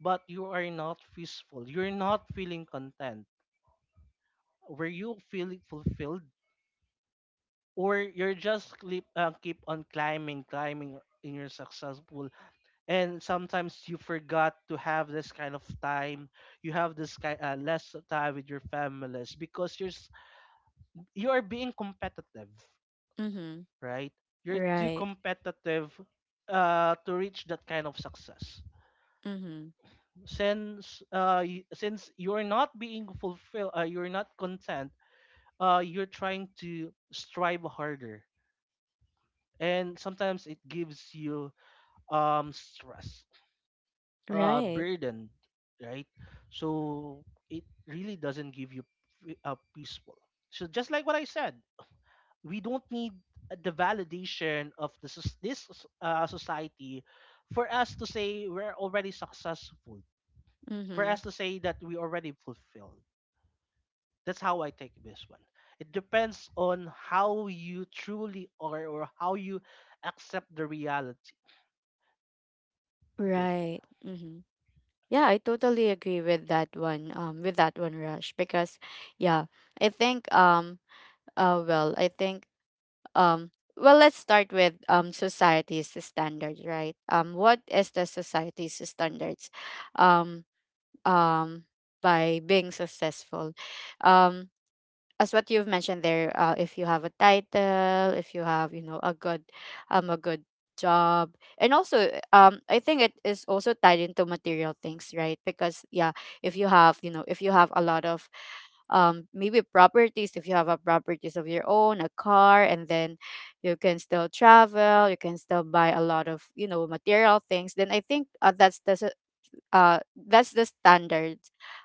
S2: but you are not peaceful. You're not feeling content. Were you feeling fulfilled, or you're just keep on climbing, climbing in your successful? And sometimes you forgot to have this kind of time. You have this kind less time with your families because you are being competitive,
S1: Mm-hmm.
S2: right? You're too
S1: Right.
S2: competitive to reach that kind of success.
S1: Mm-hmm.
S2: Since since you're not being fulfilled, you're not content. You're trying to strive harder, and sometimes it gives you stress,
S1: Right.
S2: burden, right? So it really doesn't give you a peaceful. So just like what I said, we don't need the validation of this society for us to say we're already successful, for
S1: Mm-hmm.
S2: us to say that we already fulfilled. That's how I take this one. It depends on how you truly are or how you accept the reality. Okay.
S1: Right. Hmm. Yeah, I totally agree with that one. With that one, Rush, because yeah, I think, I think, um, well, let's start with society's standards, right? What is the society's standards? um, um, by being successful, um, as what you've mentioned there, if you have a title, if you have, a good job. And also, I think it is also tied into material things, right? Because yeah, if you have, if you have a lot of maybe properties, if you have a properties of your own, a car, and then you can still travel, you can still buy a lot of, material things. Then I think that's the standard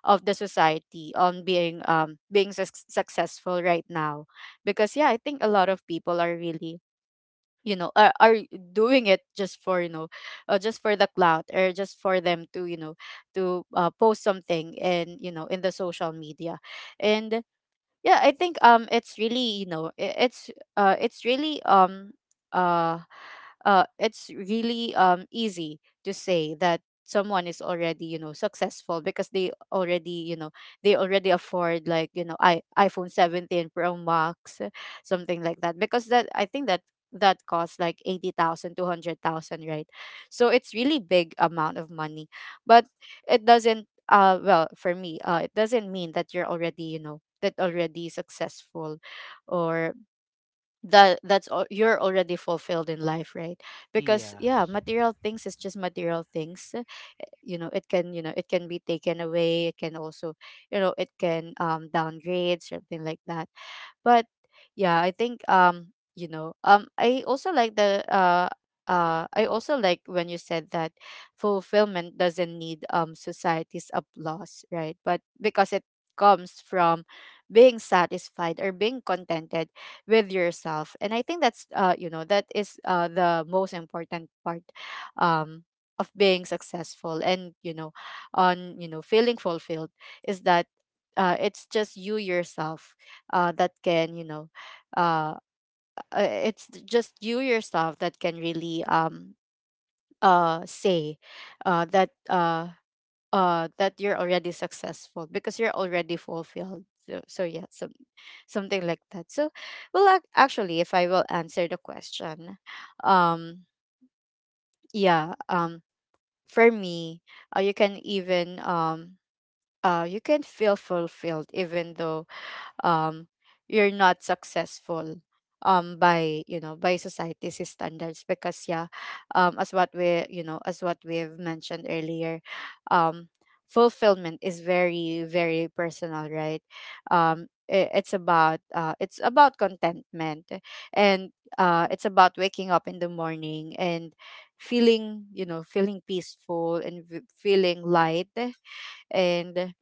S1: of the society on being being successful right now. Because yeah, I think a lot of people are really, are doing it just for, just for the clout, or just for them to, post something in, in the social media. And yeah, I think it's really, you know I- uh it's really um uh it's really easy to say that someone is already, successful, because they already, they already afford, like, you know I iPhone 17 Pro Max, something like that. Because that I think that costs like 80,000, 200,000, right? So it's really big amount of money. But it doesn't well, for me, it doesn't mean that you're already, that already successful. Or that's all, you're already fulfilled in life, right? Because yeah,
S2: Yes,
S1: material things is just material things. You know it can, it can be taken away. It can also, it can downgrade, something like that. But yeah, I think, I also like the I also like when you said that fulfillment doesn't need society's applause, right? But because it comes from being satisfied or being contented with yourself. And I think that's, that is the most important part um of being successful, and, on, feeling fulfilled, is that it's just you yourself that can you know uh, it's just you yourself that can really, say, uh, that uh, that you're already successful because you're already fulfilled. So, yeah, something like that, so. Well, actually, if I will answer the question, um yeah um for me, uh, you can even um you can feel fulfilled even though um you're not successful, by, by society's standards. Because yeah, as what we, as what we've mentioned earlier, um fulfillment is very, very personal, right? It's about contentment. And it's about waking up in the morning and feeling, feeling peaceful, and feeling light. And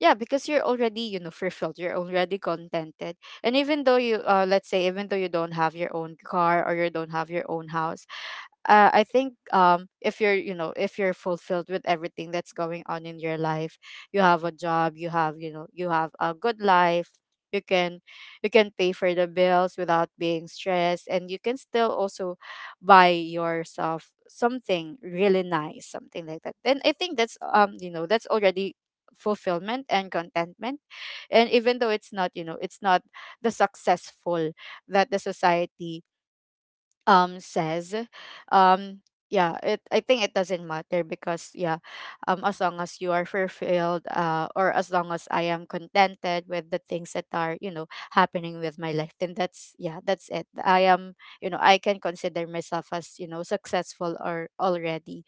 S1: yeah, because you're already, fulfilled, you're already contented. And even though you let's say even though you don't have your own car, or you don't have your own house, I think, if you're, if you're fulfilled with everything that's going on in your life, you have a job, you have, you have a good life, you can you can pay for the bills without being stressed, and you can still also buy yourself something really nice, something like that, then I think that's, that's already fulfillment and contentment. And even though it's not, it's not the successful that the society says, um yeah, it I think it doesn't matter. Because yeah, as long as you are fulfilled, or as long as I am contented with the things that are, happening with my life, then that's, yeah, that's it. I am, I can consider myself as, successful or already,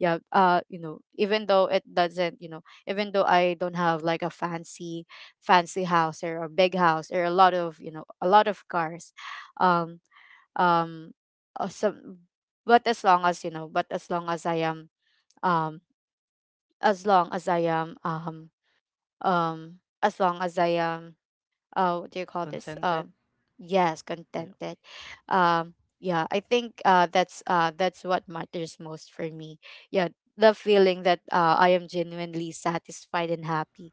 S1: yeah, even though it doesn't, even though I don't have like a fancy, fancy house, or a big house, or a lot of, a lot of cars, um um some but as long as, but as long as I am, um as long as i am um as long as I am, what do you call this?
S2: contented.
S1: Yes,
S2: Yeah.
S1: contented. um yeah, I think that's what matters most for me. Yeah, the feeling that, I am genuinely satisfied and happy,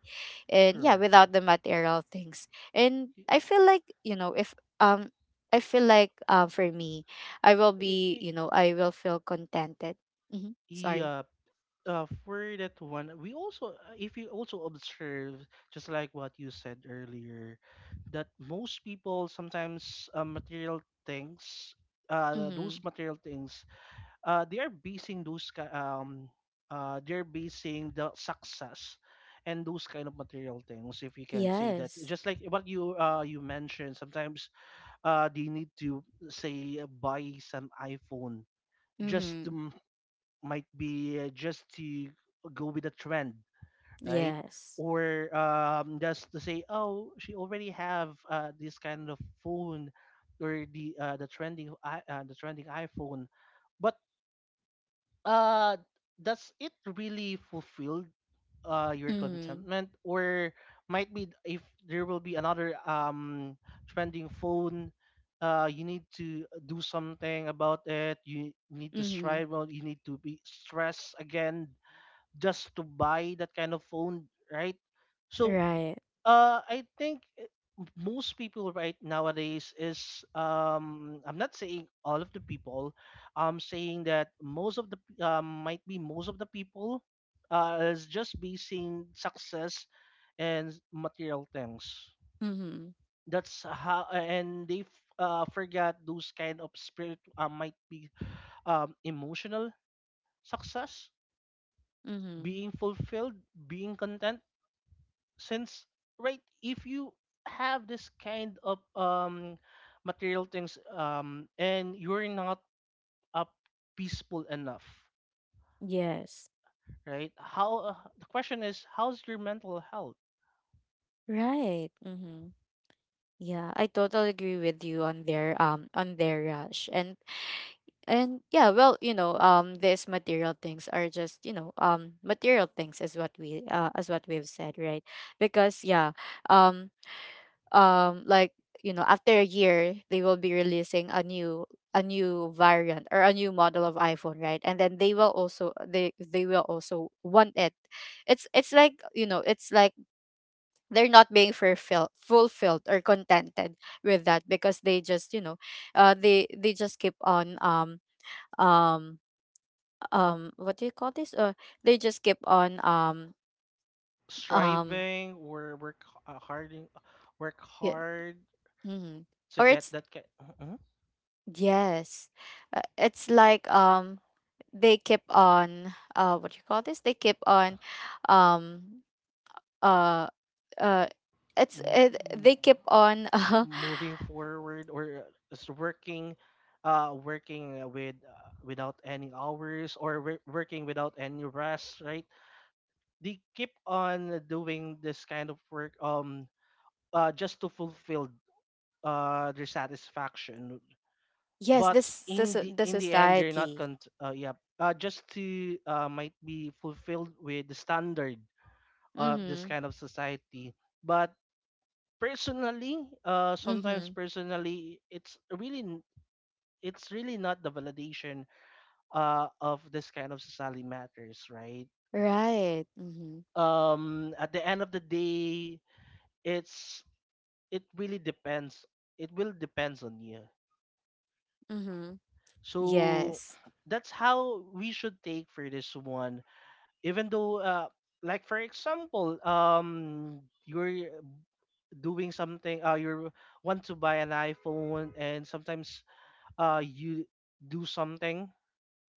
S1: and yeah,
S2: Correct.
S1: without the material things. And I feel like, you know if um I feel like, for me, I will
S2: Y- y-
S1: be,
S2: y-
S1: I will feel contented. Hmm. Sorry.
S2: yeah, for that one, we also, if you also observe, just like what you said earlier, that most people sometimes things,
S1: Mm-hmm.
S2: those material things, they are basing they're basing the success and those kind of material things, if you can say that,
S1: Yes.
S2: just like what you mentioned, sometimes they need to say buy some iPhone just
S1: Mm-hmm.
S2: to might be just to go with the trend, right?
S1: Yes.
S2: Or just to say, oh, she already have this kind of phone, or the trending the trending iPhone, but uh, does it really fulfill your
S1: Mm-hmm.
S2: contentment? Or might be if there will be another trending phone, you need to do something about it. You need to
S1: Mm-hmm.
S2: strive. Well, you need to be stressed again just to buy that kind of phone, right? So
S1: Right.
S2: I think most people right nowadays is I'm not saying all of the people, I'm saying that most of might be most of the people is just basing success and material things.
S1: Mm-hmm.
S2: That's how, and they forgot those kind of spirit, might be emotional success,
S1: Mm-hmm.
S2: being fulfilled, being content, since right if you have this kind of material things and you're not up peaceful enough,
S1: Yes.
S2: right? How the question is how's your mental health?
S1: Right. Mm-hmm. Yeah, I totally agree with you on their, on their, Rush. And and yeah, well, you know, these material things are just, you know, material things is what we, as what we've said, right? Because yeah, um like, you know, after a year they will be releasing a new variant or a new model of iPhone, right? And then they will also, they will also want it. It's like, you know, it's like they're not being fulfilled or contented with that, because they just, they just keep on, um what do you call this? They just keep on, um
S2: Striving or work, harding work
S1: yeah.
S2: hard
S1: Mhm.
S2: to
S1: Or
S2: get
S1: it's,
S2: that kind,
S1: yes, it's like, they keep on, what do you call this, they keep on, um uh uh they keep on <laughs>
S2: moving forward or just working working without any hours, or working without any rest, right? They keep on doing this kind of work, just to fulfill their satisfaction.
S1: yes,
S2: But
S1: this, the
S2: in the end they're not
S1: society.
S2: yeah, just to might be fulfilled with the standard of this
S1: Mm-hmm.
S2: kind of society. But personally sometimes
S1: Mhm.
S2: personally it's really not the validation of this kind of society matters, right?
S1: Right. Mhm.
S2: Um, at the end of the day, it's it really depends, it will depends on you.
S1: Mhm.
S2: So
S1: Yes.
S2: that's how we should take for this one. Even though like for example you're doing something you want to buy an iPhone, and sometimes you do something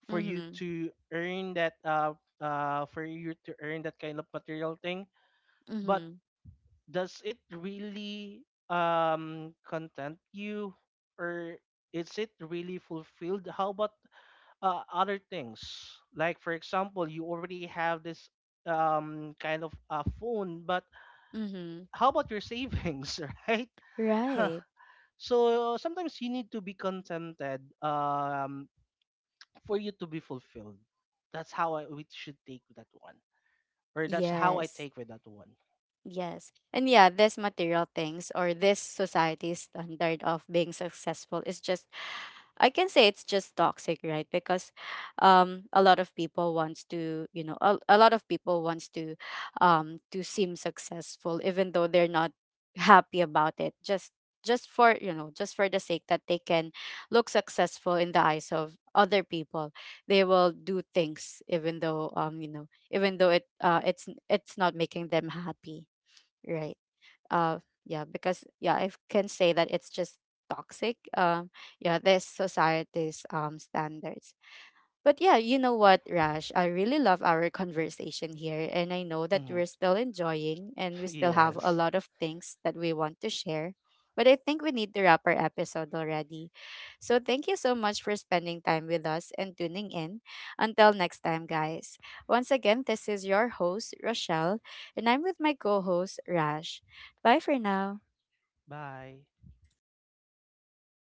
S2: for you
S1: Mhm.
S2: to earn that for you to earn that kind of material thing. But
S1: Mhm.
S2: does it really content you, or is it really fulfilled? How about other things, like for example you already have this kind of a phone, but
S1: Mhm.
S2: how about your savings? <laughs> Right? <laughs>
S1: Right.
S2: So sometimes you need to be contented for you to be fulfilled. That's how we should take that one, or that's how I
S1: Yes.
S2: take with that one.
S1: Yes. And yeah, this material things or this society's standard of being successful is just, I can say it's just toxic, right? Because a lot of people wants to, you know, a lot of people wants to, to seem successful even though they're not happy about it. Just for, you know, just for the sake that they can look successful in the eyes of other people. They will do things even though, you know, even though it's not making them happy. Right. Uh yeah, because yeah, I can say that it's just toxic. Yeah, this society's standards. But yeah, you know what, Rash? I really love our conversation here. And I know that
S2: Hmm.
S1: we're still enjoying
S2: <laughs>
S1: and we still have
S2: Yes.
S1: a lot of things that we want to share. But I think we need to wrap our episode already. So thank you so much for spending time with us and tuning in. Until next time, guys. Once again, this is your host, Rochelle, and I'm with my co host, Rash. Bye for now.
S2: Bye.